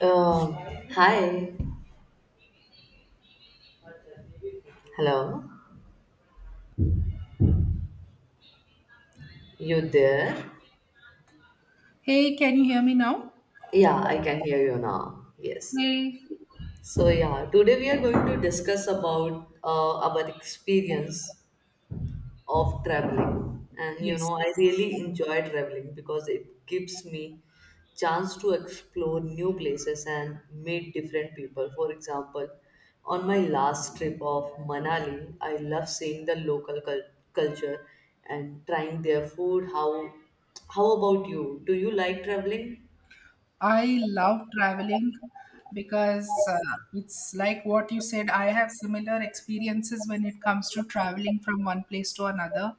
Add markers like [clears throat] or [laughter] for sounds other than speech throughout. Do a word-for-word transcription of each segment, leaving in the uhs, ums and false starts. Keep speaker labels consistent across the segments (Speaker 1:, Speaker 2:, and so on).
Speaker 1: Uh, Hi. Hello. You there?
Speaker 2: Hey, can you hear me now?
Speaker 1: Yeah, I can hear you now. Yes.
Speaker 2: Hey,
Speaker 1: So yeah, today we are going to discuss about uh, our experience of traveling. And you
Speaker 2: yes.
Speaker 1: know I really enjoy traveling because it gives me chance to explore new places and meet different people. For example, on my last trip of Manali, I love seeing the local cul- culture and trying their food. How how about you? Do you like traveling?
Speaker 2: I love traveling because uh, it's like what you said. I have similar experiences when it comes to traveling from one place to another.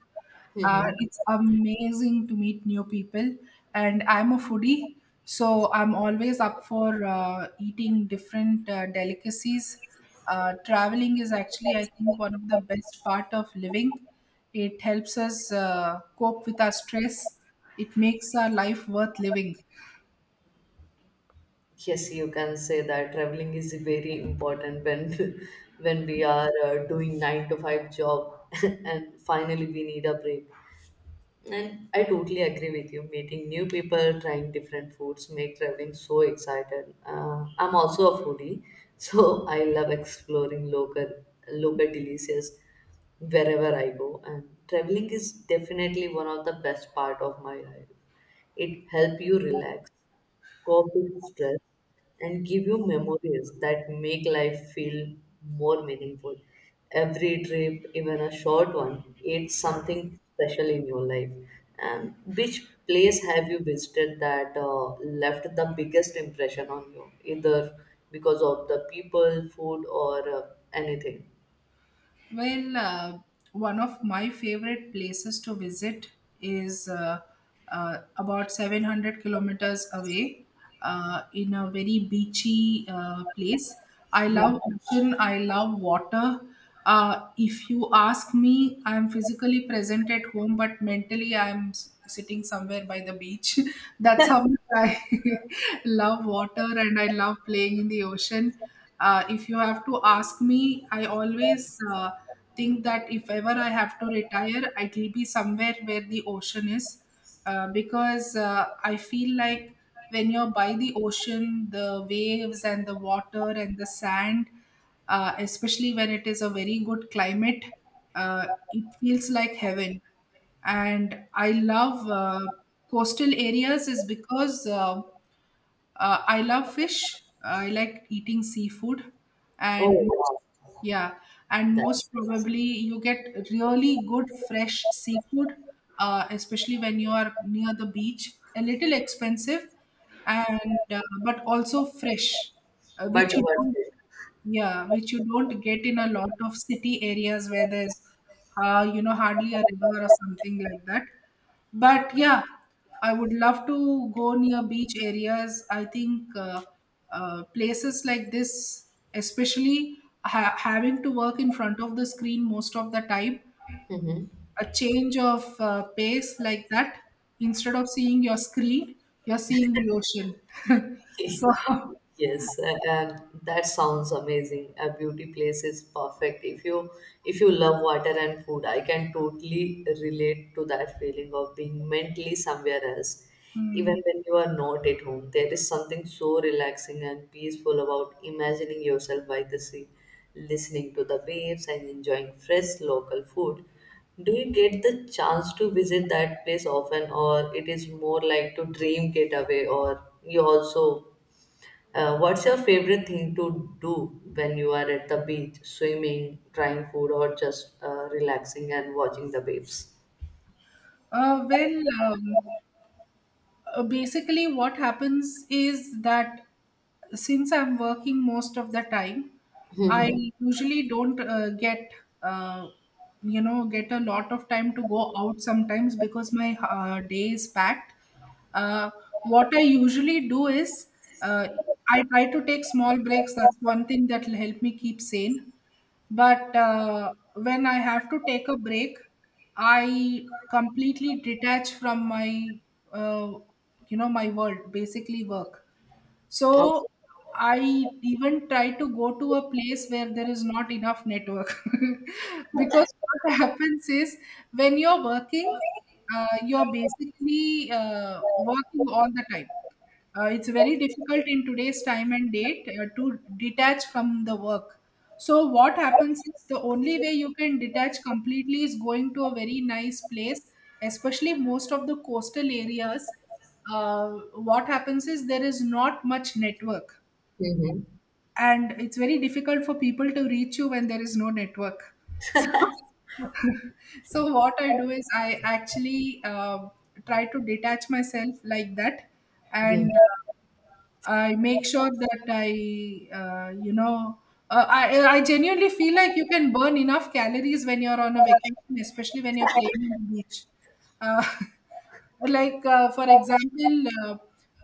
Speaker 2: Uh, it's amazing to meet new people, and I'm a foodie, so I'm always up for uh, eating different uh, delicacies. Uh, traveling is actually, I think, one of the best part of living. It helps us uh, cope with our stress. It makes our life worth living.
Speaker 1: Yes, you can say that traveling is very important when [laughs] when we are uh, doing nine to five job [laughs] and finally we need a break. And I totally agree with you. Meeting new people, trying different foods, make traveling so excited. Uh, I'm also a foodie, so [laughs] I love exploring local local delicious wherever I go. And traveling is definitely one of the best part of my life. It help you relax, cope with stress, and give you memories that make life feel more meaningful. Every trip, even a short one, it's something special in your life. And which place have you visited that uh, left the biggest impression on you, either because of the people, food, or uh, anything?
Speaker 2: Well, uh, one of my favorite places to visit is uh, uh, about seven hundred kilometers away, uh, in a very beachy uh, place. I love ocean, I love water. Uh, if you ask me, I'm physically present at home, but mentally I'm s- sitting somewhere by the beach. [laughs] That's how much I [laughs] love water and I love playing in the ocean. Uh, if you have to ask me, I always uh, think that if ever I have to retire, it will be somewhere where the ocean is, uh, because uh, I feel like when you're by the ocean, the waves and the water and the sand, uh, especially when it is a very good climate, uh, it feels like heaven. And I love uh, coastal areas is because uh, uh, I love fish. I like eating seafood,
Speaker 1: Oh,
Speaker 2: and most,
Speaker 1: wow,
Speaker 2: yeah, and
Speaker 1: that's
Speaker 2: most
Speaker 1: nice.
Speaker 2: probably you get really good fresh seafood, uh, especially when you are near the beach. A little expensive, and uh, but also fresh, uh,
Speaker 1: But
Speaker 2: which you
Speaker 1: worth
Speaker 2: don't
Speaker 1: it.
Speaker 2: yeah, which you don't get in a lot of city areas where there's, uh, you know, hardly a river or something like that. But yeah, I would love to go near beach areas. I think uh, uh, places like this, especially ha- having to work in front of the screen most of the time,
Speaker 1: Mm-hmm.
Speaker 2: a change of uh, pace like that, instead of seeing your screen, you're seeing the ocean. [laughs] so,
Speaker 1: [laughs]
Speaker 2: [laughs]
Speaker 1: Yes, a- and that sounds amazing. A beauty place is perfect. If you if you love water and food, I can totally relate to that feeling of being mentally somewhere else. Even
Speaker 2: mm.
Speaker 1: when you are not at home, there is something so relaxing and peaceful about imagining yourself by the sea, listening to the waves and enjoying fresh local food. Do you get the chance to visit that place often, or it is more like to dream getaway, or you also uh, what's your favorite thing to do when you are at the beach, swimming, trying food, or just uh, relaxing and watching the waves?
Speaker 2: uh, well, um, uh, basically what happens is that since I'm working most of the time, I usually don't uh, get, uh, you know, get a lot of time to go out sometimes because my uh, day is packed. uh, what I usually do is, uh, I try to take small breaks. That's one thing that will help me keep sane. But uh, when I have to take a break, I completely detach from my, uh, you know, my world, basically work. So I even try to go to a place where there is not enough network. [laughs] Because what happens is when you're working, uh, you're basically uh, working all the time. Uh, it's very difficult in today's time and date uh, to detach from the work. So what happens is the only way you can detach completely is going to a very nice place, especially most of the coastal areas. uh, what happens is there is not much network,
Speaker 1: Hmm.
Speaker 2: and it's very difficult for people to reach you when there is no network. [laughs] so so what I do is I actually uh, try to detach myself like that. And uh, I make sure that I, uh, you know, uh, I, I genuinely feel like you can burn enough calories when you're on a vacation, especially when you're playing on the beach. Uh, [laughs] like, uh, for example, uh,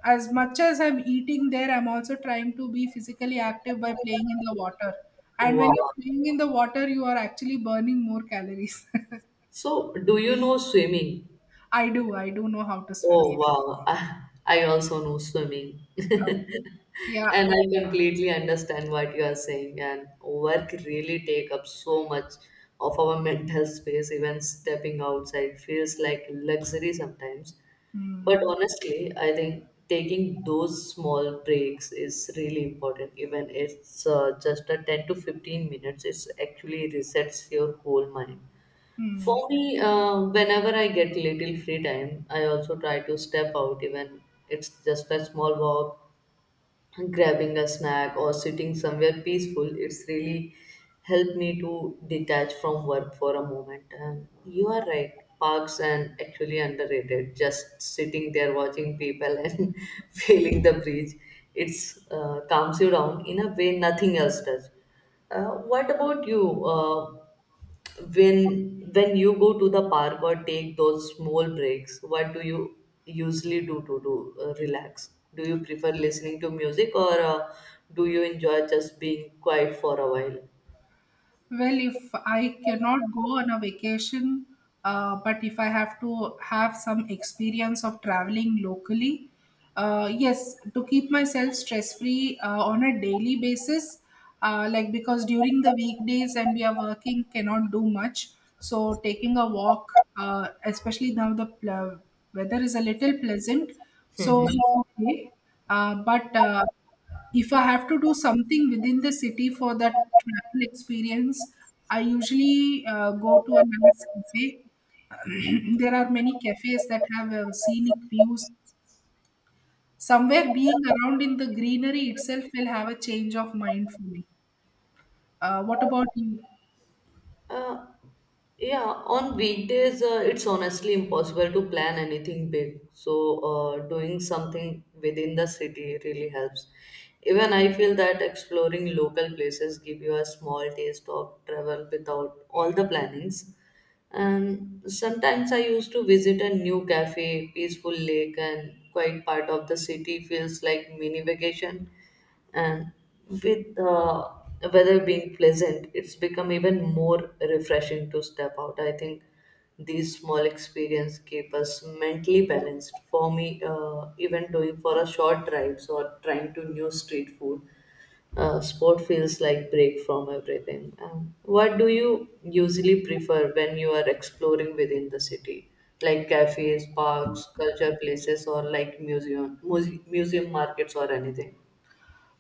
Speaker 2: as much as I'm eating there, I'm also trying to be physically active by playing in the water. And when
Speaker 1: Wow.
Speaker 2: you're playing in the water, you are actually burning more calories. [laughs]
Speaker 1: So, do you know swimming?
Speaker 2: I do. I do know how to swim.
Speaker 1: Oh,
Speaker 2: Yes.
Speaker 1: wow. [laughs] I, I also know swimming. [laughs]
Speaker 2: Yeah.
Speaker 1: And I completely understand what you are saying. And work really take up so much of our mental space. Even stepping outside feels like luxury sometimes. But
Speaker 2: Hmm.
Speaker 1: honestly, I think taking those small breaks is really important. Even if it's uh, just a ten to fifteen minutes, it's actually resets your whole mind. For
Speaker 2: Hmm.
Speaker 1: me, uh, whenever I get little free time, I also try to step out, even it's just a small walk, grabbing a snack, or sitting somewhere peaceful. It's really helped me to detach from work for a moment. And you are right, parks and actually underrated, just sitting there watching people and [laughs] feeling the breeze. It's uh, calms you down in a way nothing else does. uh, what about you? uh, when when you go to the park or take those small breaks, what do you usually do to do uh, relax? Do you prefer listening to music, or uh, do you enjoy just being quiet for a while?
Speaker 2: Well, if I cannot go on a vacation, uh, but if I have to have some experience of traveling locally, uh, yes, to keep myself stress free uh, on a daily basis, uh, like because during the weekdays and we are working, cannot do much. So taking a walk, uh, especially now the pl- weather is a little pleasant, so
Speaker 1: Hmm.
Speaker 2: it's okay. Uh, but uh, if I have to do something within the city for that travel experience, I usually uh, go to a nice cafe. [clears throat] There are many cafes that have uh, scenic views. Somewhere being around in the greenery itself will have a change of mind for me. Uh, what about you?
Speaker 1: Uh, yeah, on weekdays, uh, it's honestly impossible to plan anything big. So, uh, doing something within the city really helps. Even I feel that exploring local places give you a small taste of travel without all the plannings. And sometimes I used to visit a new cafe, peaceful lake, and quiet part of the city feels like mini vacation. And with the weather being pleasant, it's become even more refreshing to step out. I think these small experiences keep us mentally balanced. For me, uh, even going for a short drives or trying to new street food uh, sport feels like break from everything. Um, what do you usually prefer when you are exploring within the city, like cafes, parks, culture places, or like museum, muse- museum markets, or anything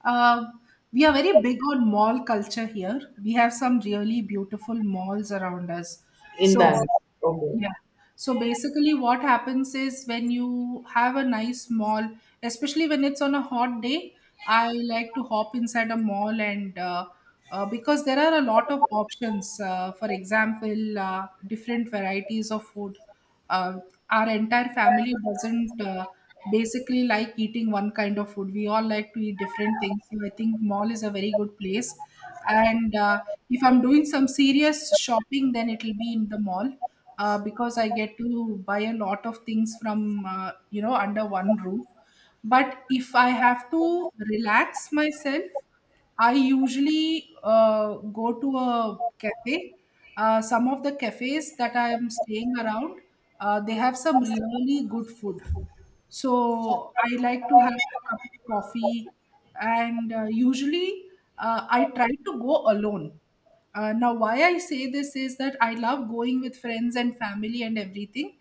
Speaker 2: Uh, we are very big on mall culture here. We have some really beautiful malls around us.
Speaker 1: in
Speaker 2: So,
Speaker 1: Bangalore? Okay.
Speaker 2: yeah. So basically, what happens is when you have a nice mall, especially when it's on a hot day, I like to hop inside a mall, and uh, uh, because there are a lot of options. Uh, for example, uh, different varieties of food. Uh, our entire family doesn't uh, basically like eating one kind of food. We all like to eat different things. So I think mall is a very good place. And uh, if I'm doing some serious shopping, then it'll be in the mall uh, because I get to buy a lot of things from, uh, you know, under one roof. But if I have to relax myself, I usually uh, go to a cafe. Uh, some of the cafes that I am staying around, uh, they have some really good food. So I like to have a cup of coffee, and uh, usually uh, I try to go alone. Uh, now, why I say this is that I love going with friends and family and everything,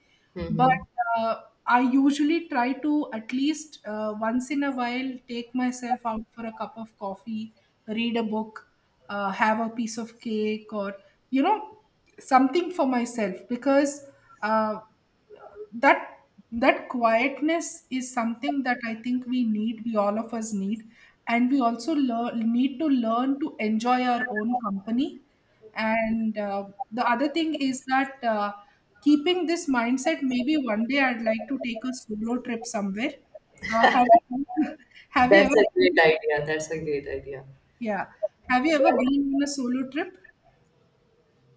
Speaker 2: but
Speaker 1: Mm-hmm.
Speaker 2: uh, I usually try to at least uh, once in a while take myself out for a cup of coffee, read a book, uh, have a piece of cake, or you know, something for myself, because uh, that that quietness is something that I think we need. We all of us need, and we also learn need to learn to enjoy our own company. And uh, the other thing is that uh, keeping this mindset, maybe one day I'd like to take a solo trip somewhere. Uh, have you, [laughs] have you
Speaker 1: That's
Speaker 2: ever
Speaker 1: a great
Speaker 2: been,
Speaker 1: idea. That's a great idea.
Speaker 2: yeah, have you
Speaker 1: So,
Speaker 2: ever been on a solo trip?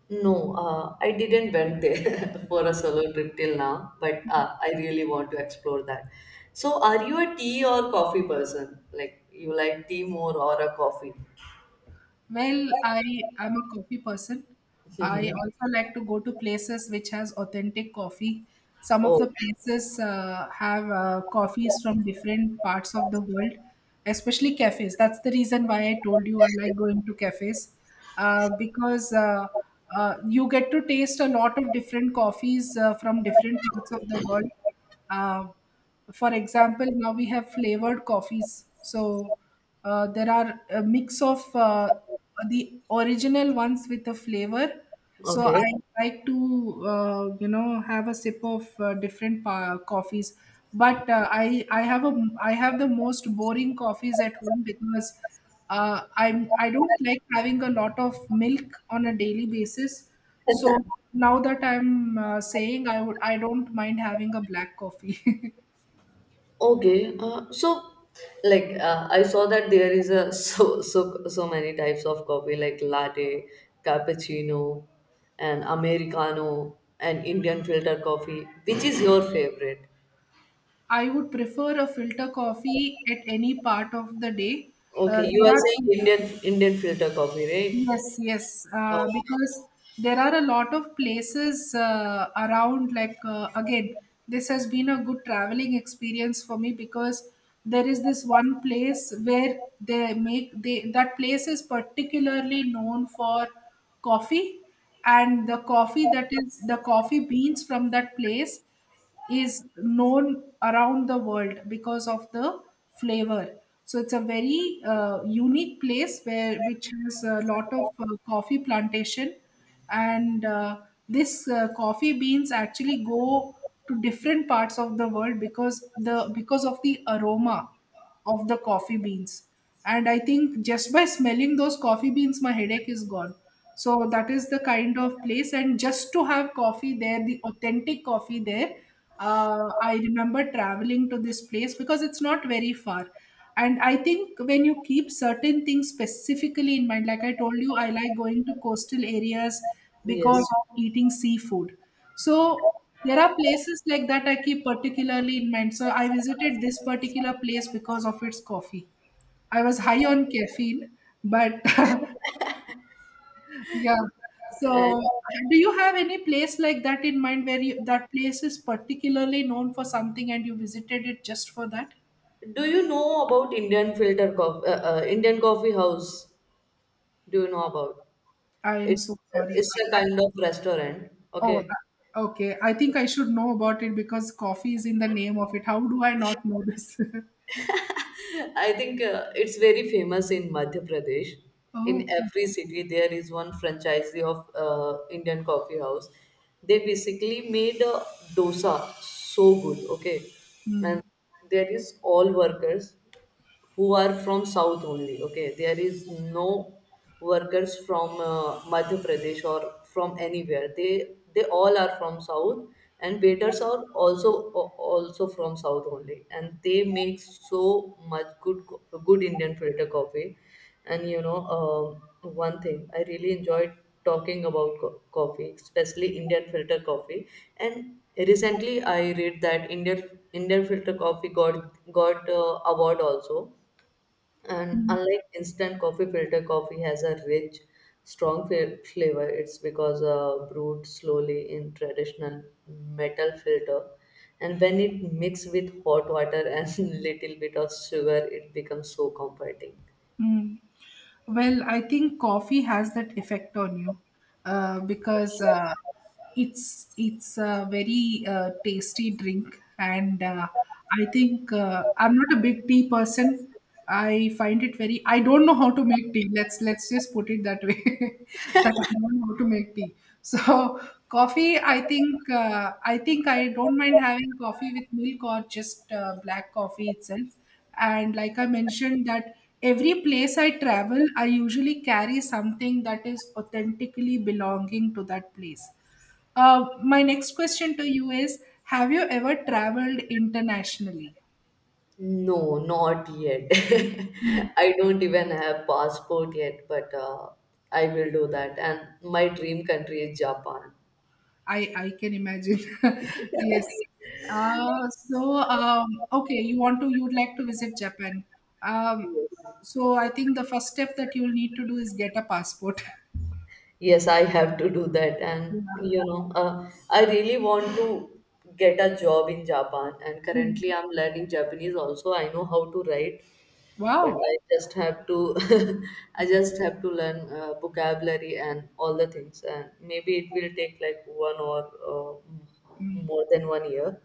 Speaker 1: no, uh, I didn't went there [laughs] for a solo trip till now, but uh, I really want to explore that. So, are you a tea or coffee person? Like, you like tea more or a coffee?
Speaker 2: Well, I am a coffee person. I also like to go to places which has authentic coffee. Some of
Speaker 1: Oh,
Speaker 2: the places uh, have uh, coffees from different parts of the world, especially cafes. That's the reason why I told you I like going to cafes uh, because uh, uh, you get to taste a lot of different coffees uh, from different parts of the world. Uh, for example, now we have flavored coffees. So uh, there are a mix of uh, the original ones with the flavor. So
Speaker 1: okay.
Speaker 2: I like to, uh, you know, have a sip of uh, different pa- coffees. But uh, I I have a, I have the most boring coffees at home because uh, I'm I don't like having a lot of milk on a daily basis. So now that I'm uh, saying I would I don't mind having a black coffee. [laughs]
Speaker 1: Okay, uh, so like uh, I saw that there is a [laughs] so so so many types of coffee like latte, cappuccino, and americano, and Indian filter coffee. Which is your favorite?
Speaker 2: I would prefer a filter coffee at any part of the day. Uh,
Speaker 1: Okay, you
Speaker 2: there
Speaker 1: are
Speaker 2: are
Speaker 1: saying Indian Indian filter coffee, right?
Speaker 2: yes, yes, uh,
Speaker 1: Oh,
Speaker 2: because there are a lot of places uh, around. Like uh, again, this has been a good traveling experience for me because there is this one place where they make they that place is particularly known for coffee, and the coffee that is the coffee beans from that place is known around the world because of the flavor. So it's a very uh, unique place where which has a lot of uh, coffee plantation, and uh, this uh, coffee beans actually go to different parts of the world because the because of the aroma of the coffee beans. And I think just by smelling those coffee beans, my headache is gone. So that is the kind of place. And just to have coffee there, the authentic coffee there, uh, I remember traveling to this place because it's not very far. And I think when you keep certain things specifically in mind, like I told you, I like going to coastal areas
Speaker 1: yes.
Speaker 2: because of eating seafood. So there are places like that I keep particularly in mind. So I visited this particular place because of its coffee. I was high on caffeine, but [laughs] yeah.
Speaker 1: And
Speaker 2: So do you have any place like that in mind where you, that place is particularly known for something and you visited it just for that?
Speaker 1: do you know about Indian filter coffee, uh, uh, Indian coffee house? Do you know about?
Speaker 2: I am
Speaker 1: It's
Speaker 2: so sorry.
Speaker 1: it's a
Speaker 2: I, I,
Speaker 1: kind of restaurant.
Speaker 2: oh,
Speaker 1: Okay,
Speaker 2: uh, okay. I think I should know about it because coffee is in the name of it. How do I not know this? [laughs]
Speaker 1: [laughs] I think uh, it's very famous in Madhya Pradesh. In
Speaker 2: Oh, okay.
Speaker 1: every city, there is one franchisee of uh, Indian coffee house. They basically made a dosa so good. Okay, and
Speaker 2: Hmm.
Speaker 1: there is all workers who are from south only. Okay, there is no workers from uh, Madhya Pradesh or from anywhere. They they all are from south. And waiters are also a- also from south only. And they make so much good co- good Indian filter coffee. And you know um one thing I really enjoyed talking about co- coffee, especially Indian filter coffee. And recently I read that indian indian filter coffee got got uh, award also. And unlike instant coffee, filter coffee has a rich, strong fa- flavor. It's because uh, brewed slowly in traditional metal filter, and when it mixed with hot water and [laughs] little bit of sugar, it becomes so comforting.
Speaker 2: Mm. Well, I think coffee has that effect on you uh, because uh, it's it's a very uh, tasty drink, and uh, I think uh, I'm not a big tea person. I find it very. I don't know how to make tea. Let's let's just put it that way. [laughs] That I don't know how to make tea. So coffee, I think uh, I think I don't mind having coffee with milk or just uh, black coffee itself. And like I mentioned, that every place I travel, I usually carry something that is authentically belonging to that place. Uh, my next question to you is, have you ever traveled internationally?
Speaker 1: No, not yet. [laughs]
Speaker 2: Hmm.
Speaker 1: I don't even have passport yet, but uh, I will do that. And my dream country is Japan.
Speaker 2: i i can imagine. [laughs] Yes. uh, so um, okay, you want to you'd like to visit Japan. Um, so I think the first step that you'll need to do is get a passport. [laughs]
Speaker 1: Yes, I have to do that. And
Speaker 2: Yeah.
Speaker 1: you know uh, I really want to get a job in Japan. And
Speaker 2: Hmm.
Speaker 1: currently I'm learning Japanese. Also, I know how to write. But
Speaker 2: Wow.
Speaker 1: I just have to [laughs] I just have to learn uh, vocabulary and all the things. And maybe it will take like one or uh, m-
Speaker 2: Hmm.
Speaker 1: more than one year.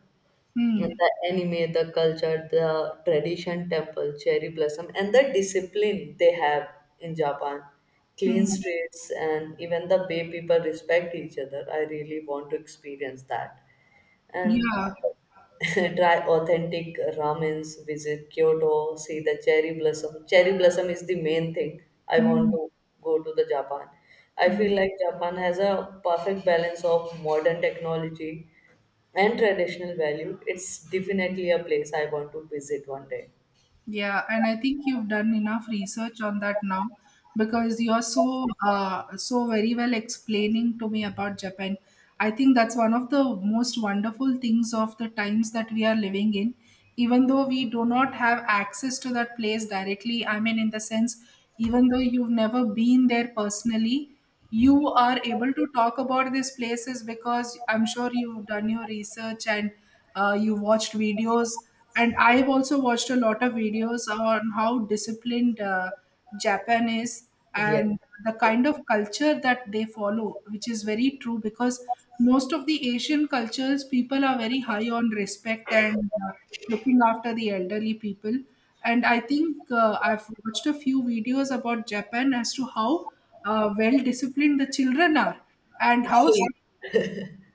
Speaker 1: And
Speaker 2: Hmm.
Speaker 1: the anime, the culture, the tradition, temple, cherry blossom, and the discipline they have in Japan, clean
Speaker 2: Hmm.
Speaker 1: streets, and even the way people respect each other. I really want to experience that. And
Speaker 2: Yeah.
Speaker 1: [laughs] try authentic ramens, visit Kyoto, see the cherry blossom. Cherry blossom is the main thing. I want
Speaker 2: Mm,
Speaker 1: to go to the Japan. I
Speaker 2: mm.
Speaker 1: feel like Japan has a perfect balance of modern technology and traditional value. It's definitely a place I want to visit one day.
Speaker 2: Yeah, and I think you've done enough research on that now, because you're so uh, so very well explaining to me about Japan. I think that's one of the most wonderful things of the times that we are living in. Even though we do not have access to that place directly, I mean, in the sense, even though you've never been there personally, you are able to talk about these places because I'm sure you've done your research and uh, you've watched videos. And I've also watched a lot of videos on how disciplined uh, Japan is,
Speaker 1: Yes.
Speaker 2: and the
Speaker 1: Yes.
Speaker 2: kind of culture that they follow, which is very true, because most of the Asian cultures, people are very high on respect and uh, looking after the elderly people. And I think uh, I've watched a few videos about Japan as to how uh, well disciplined the children are, and how sa-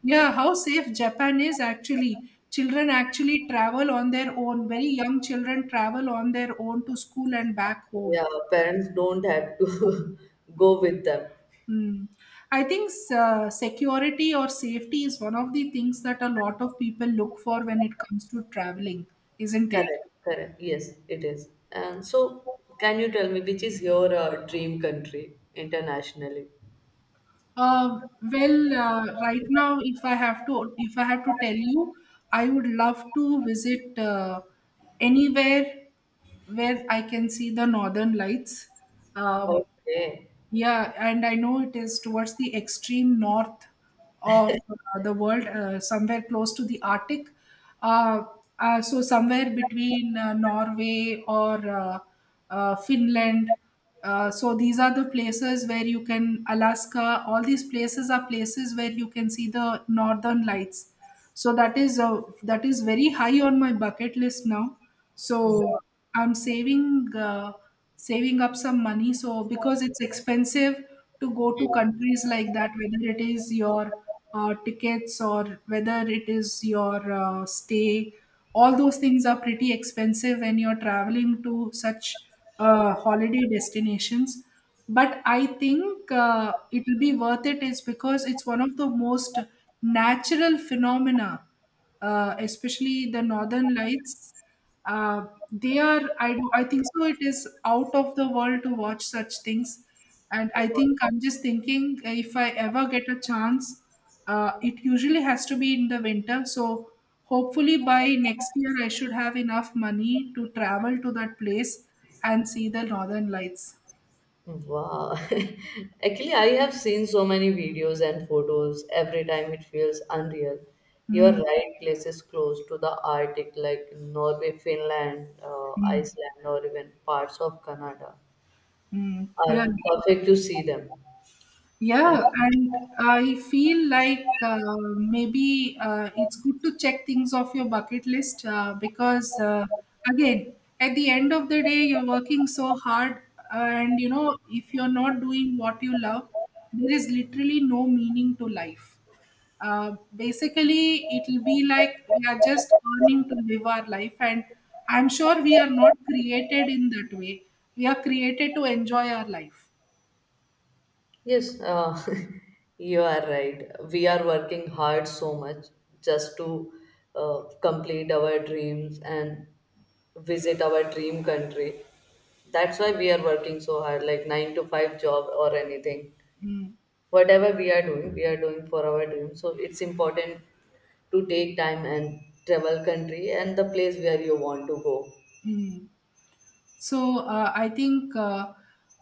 Speaker 2: yeah how safe Japan is actually. Children actually travel on their own. Very young children travel on their own to school and back home.
Speaker 1: Yeah, parents don't have to [laughs] go with them.
Speaker 2: Mm. I think uh, security or safety is one of the things that a lot of people look for when it comes to traveling, isn't it?
Speaker 1: Correct, correct. Yes, it is. And so, can you tell me which is your uh, dream country internationally?
Speaker 2: Uh, well, uh, right now, if I have to, if I had to tell you, I would love to visit uh, anywhere where I can see the northern lights. Um,
Speaker 1: Okay.
Speaker 2: yeah, and I know it is towards the extreme north of uh, the world, uh, somewhere close to the Arctic. Uh, uh, so somewhere between uh, Norway or uh, uh, Finland. Uh, so these are the places where you can Alaska. All these places are places where you can see the northern lights. So that is uh, that is very high on my bucket list now.
Speaker 1: Wow.
Speaker 2: So I'm saving uh, saving up some money, So because it's expensive to go to countries like that, whether it is your uh, tickets or whether it is your uh, stay. All those things are pretty expensive when you're traveling to such uh, holiday destinations. But I think uh, it will be worth it is because it's one of the most natural phenomena, uh, especially the northern lights. Uh, they are, I, do- I think so, it is out of the world to watch such things. And I think I'm just thinking, uh, if I ever get a chance, uh, it usually has to be in the winter. So hopefully by next year, I should have enough money to travel to that place and see the northern lights.
Speaker 1: Wow. [laughs] Actually, I have seen so many videos and photos. Every time it feels unreal. You're
Speaker 2: Hmm.
Speaker 1: right, places close to the Arctic like Norway, Finland, uh,
Speaker 2: Mm,
Speaker 1: Iceland, or even parts of Canada
Speaker 2: mm. Yeah,
Speaker 1: are perfect to see them.
Speaker 2: yeah, and I feel like, uh, maybe uh, it's good to check things off your bucket list, uh, because uh, again, at the end of the day, you're working so hard, and you know, if you're not doing what you love, there is literally no meaning to life. Uh, basically, it'll be like we are just earning to live our life, and I'm sure we are not created in that way. We are created to enjoy our life.
Speaker 1: Yes, uh, [laughs] you are right. We are working hard so much just to uh, complete our dreams and visit our dream country. That's why we are working so hard, like nine to five job or anything. Whatever we are doing, we are doing for our dream. So it's important to take time and travel country and the place where you want to go.
Speaker 2: So uh, I think, uh,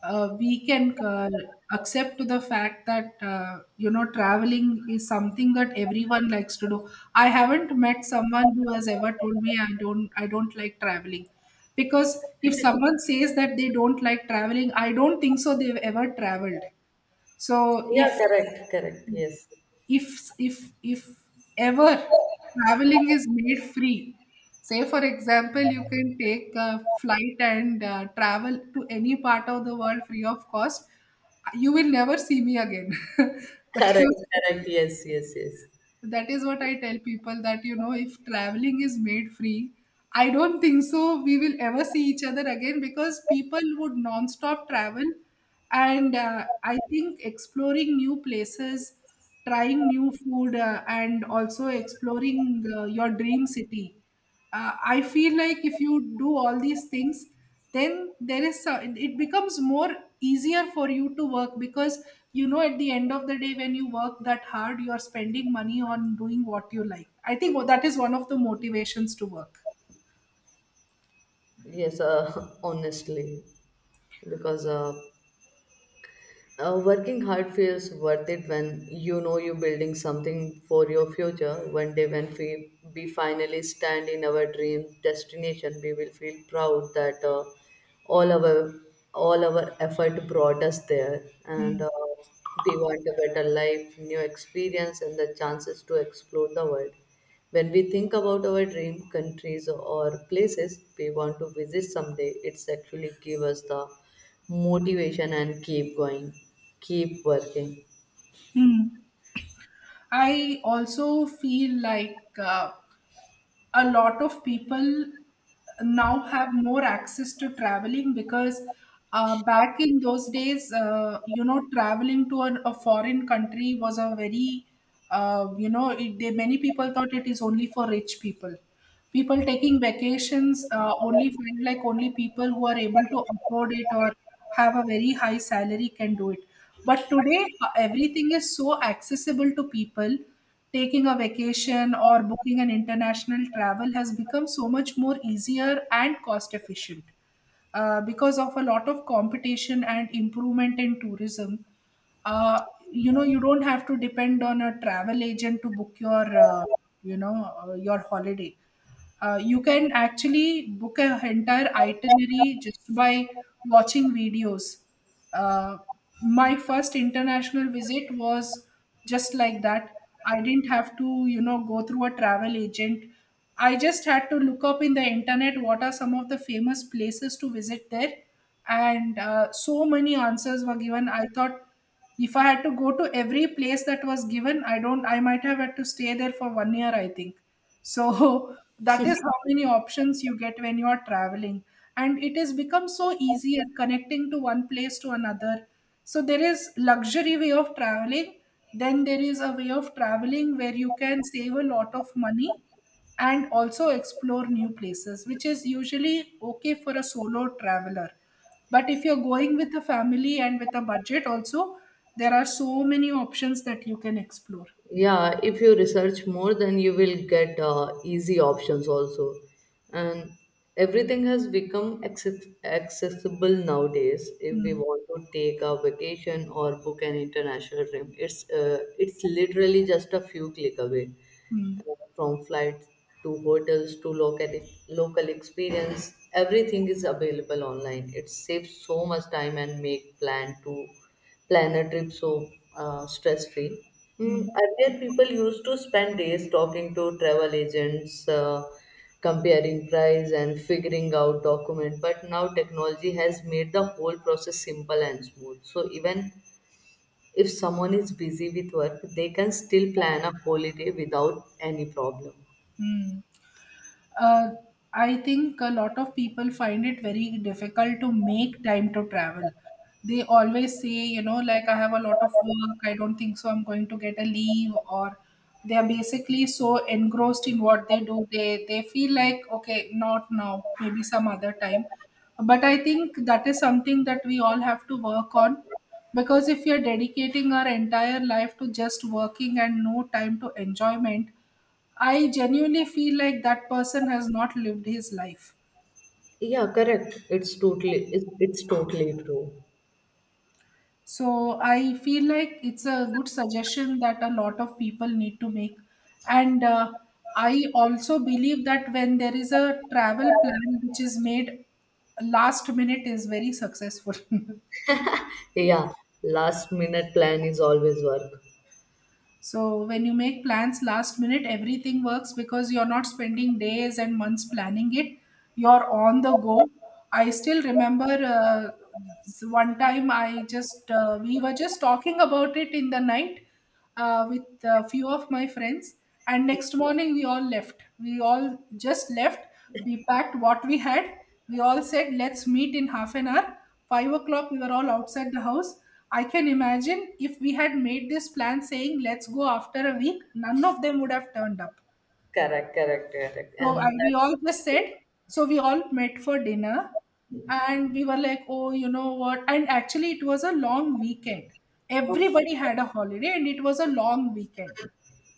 Speaker 2: uh, we can, uh, accept to the fact that, uh, you know traveling is something that everyone likes to do. I haven't met someone who has ever told me I don't I don't like traveling, because if someone says that they don't like traveling, I don't think so they've ever traveled. So
Speaker 1: Yeah,
Speaker 2: if
Speaker 1: correct, correct. Yes,
Speaker 2: if if if ever traveling is made free, say for example you can take a flight and uh, travel to any part of the world free of cost, you will never see me again. [laughs] that is
Speaker 1: correct, correct. Yes, yes, yes.
Speaker 2: that is what I tell people, that, you know if traveling is made free, I don't think so we will ever see each other again, because people would non-stop travel. And uh, I think exploring new places, trying new food, uh, and also exploring uh, your dream city, uh, I feel like if you do all these things, then there is a, it becomes more easier for you to work, because you know at the end of the day, when you work that hard, you are spending money on doing what you like. I think that is one of the motivations to work.
Speaker 1: Yes, uh, [laughs] honestly. Because uh, uh, working hard feels worth it when you know you're building something for your future. One day, when we, we finally stand in our dream destination, we will feel proud that uh, all our all our effort brought us there, and
Speaker 2: Mm.
Speaker 1: uh, we want a better life, new experience, and the chances to explore the world. When we think about our dream countries or places we want to visit someday, it's actually give us the motivation and keep going, keep working.
Speaker 2: Mm. I also feel like uh, a lot of people now have more access to traveling, because uh, back in those days, uh, you know, traveling to an, a foreign country was a very, uh, you know, it, they, many people thought it is only for rich people. People taking vacations uh, only feel like only people who are able to afford it or have a very high salary can do it. But today, ho- everything is so accessible to people. Taking a vacation or booking an international travel has become so much more easier and cost efficient, uh, because of a lot of competition and improvement in tourism. Uh, you know, you don't have to depend on a travel agent to book your, uh, you know, uh, your holiday. Uh, you can actually book an entire itinerary just by watching videos. Uh, my first international visit was just like that. I didn't have to, you know, go through a travel agent. I just had to look up in the internet what are some of the famous places to visit there. And uh, so many answers were given. I thought if I had to go to every place that was given, I don't, I might have had to stay there for one year, I think. So [laughs] that is how many options you get when you are traveling. And it has become so easy easier connecting to one place to another. So there is luxury way of traveling. Then there is a way of traveling where you can save a lot of money and also explore new places, which is usually okay for a solo traveler. But if you're going with a family and with a budget also, there are so many options that you can explore.
Speaker 1: Yeah, if you research more, then you will get uh, easy options also. And everything has become access- accessible nowadays. If we
Speaker 2: Mm,
Speaker 1: want to take a vacation or book an international trip, it's uh, it's literally just a few click away.
Speaker 2: mm,
Speaker 1: From flight to hotels to local local experience, everything is available online. It saves so much time and make plan to plan a trip so uh, stress free. Mm,
Speaker 2: mm,
Speaker 1: earlier, people used to spend days talking to travel agents, uh, comparing price and figuring out document. But now technology has made the whole process simple and smooth, so even if someone is busy with work, they can still plan a holiday without any problem.
Speaker 2: mm. uh, I think a lot of people find it very difficult to make time to travel. They always say, you know, like I have a lot of work, I don't think so, I'm going to get a leave, or they are basically so engrossed in what they do, they they feel like, okay, not now, maybe some other time. But I think that is something that we all have to work on, because if you're dedicating our entire life to just working and no time to enjoyment, I genuinely feel like that person has not lived his life.
Speaker 1: Yeah, correct. It's totally it's, it's totally true.
Speaker 2: So I feel like it's a good suggestion that a lot of people need to make. And uh, I also believe that when there is a travel plan which is made last minute is very successful. [laughs]
Speaker 1: Yeah, last minute plan is always work.
Speaker 2: So when you make plans last minute, everything works because you're not spending days and months planning it. You're on the go. I still remember, uh, s- one time, I just, uh, we were just talking about it in the night uh, with a few of my friends, and next morning we all left. We all just left. We packed what we had. We all said, let's meet in half an hour. Five o'clock, we were all outside the house. I can imagine if we had made this plan saying, let's go after a week, none of them would have turned up.
Speaker 1: Correct, correct, correct.
Speaker 2: So
Speaker 1: And
Speaker 2: I,
Speaker 1: that,
Speaker 2: we all just said, so we all met for dinner, and we were like, oh, you know what? And actually, it was a long weekend. Everybody had a holiday and it was a long weekend.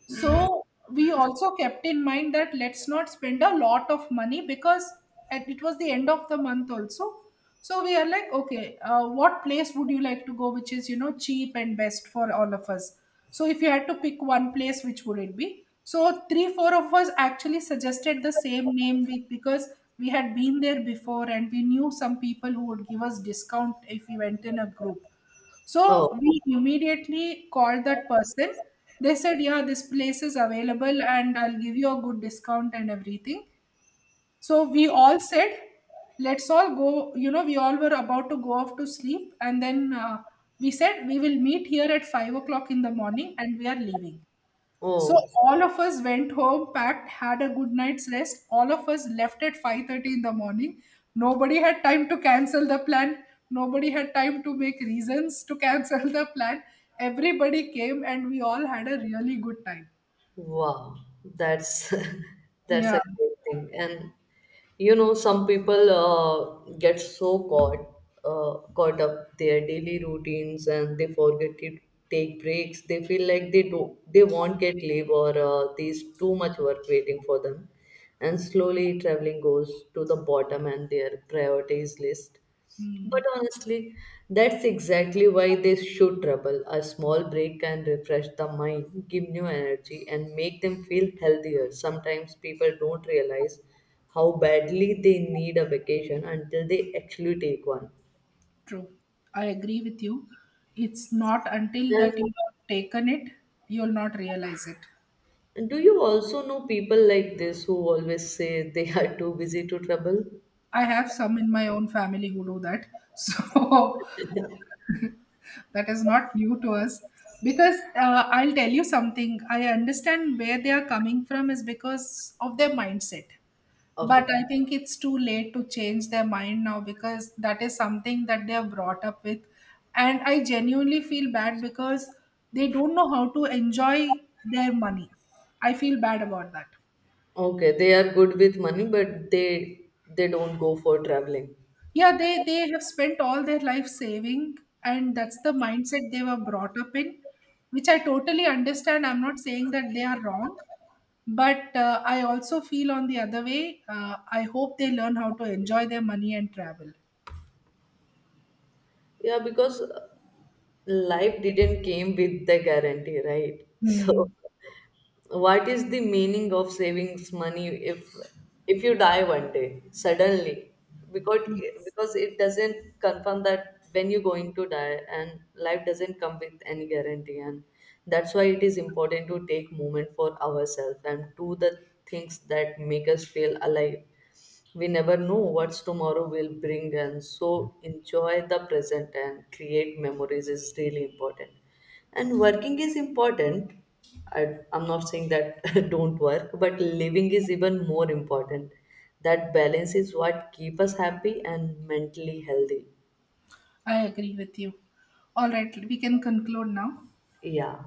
Speaker 2: So we also kept in mind that let's not spend a lot of money, because at, it was the end of the month also. So we are like, okay, uh, what place would you like to go, which is you know cheap and best for all of us? So if you had to pick one place, which would it be? So three, four of us actually suggested the same name with, because we had been there before and we knew some people who would give us discount if we went in a group.
Speaker 1: oh,
Speaker 2: So we immediately called that person. They said, yeah, this place is available and I'll give you a good discount and everything. So we all said, let's all go. You know, we all were about to go off to sleep. And then uh, we said, we will meet here at five o'clock in the morning and we are leaving. So
Speaker 1: oh,
Speaker 2: all of us went home, packed, had a good night's rest. All of us left at five thirty in the morning. Nobody had time to cancel the plan. Nobody had time to make reasons to cancel [laughs] the plan. Everybody came and we all had a really good time.
Speaker 1: wow, that's [laughs] that's
Speaker 2: Yeah,
Speaker 1: a great thing. And you know, some people uh, get so caught uh, caught up their daily routines and they forget to take breaks. They feel like they do they won't get leave or uh, there's too much work waiting for them. And slowly traveling goes to the bottom and their priorities list. But
Speaker 2: mm,
Speaker 1: honestly, that's exactly why they should trouble. A small break can refresh the mind, give new energy, and make them feel healthier. Sometimes people don't realize how badly they need a vacation until they actually take one.
Speaker 2: true. I agree with you. It's not until that you have taken it, you'll not realize it.
Speaker 1: And do you also know people like this who always say they are too busy to travel?
Speaker 2: I have some in my own family who do that. [laughs] So that is not new to us, because uh, I'll tell you something, I understand where they are coming from, is because of their mindset.
Speaker 1: Okay.
Speaker 2: But I think it's too late to change their mind now, because that is something that they are brought up with. And I genuinely feel bad, because they don't know how to enjoy their money. I feel bad about that.
Speaker 1: Okay, they are good with money, but they they don't go for traveling.
Speaker 2: Yeah, they they have spent all their life saving, and that's the mindset they were brought up in, which I totally understand. I'm not saying that they are wrong, but uh, I also feel on the other way. Uh, I hope they learn how to enjoy their money and travel.
Speaker 1: Yeah, because life didn't came with the guarantee, right? So
Speaker 2: Hmm.
Speaker 1: what is the meaning of savings money if if you die one day suddenly, because
Speaker 2: Yes,
Speaker 1: because it doesn't confirm that when you're going to die, and life doesn't come with any guarantee. And that's why it is important to take moment for ourselves and do the things that make us feel alive. We never know what tomorrow will bring, and so enjoy the present and create memories is really important. And working is important. I, I'm not saying that [laughs] don't work, but living is even more important. That balance is what keep us happy and mentally healthy.
Speaker 2: I agree with you. All right, we can conclude now.
Speaker 1: Yeah.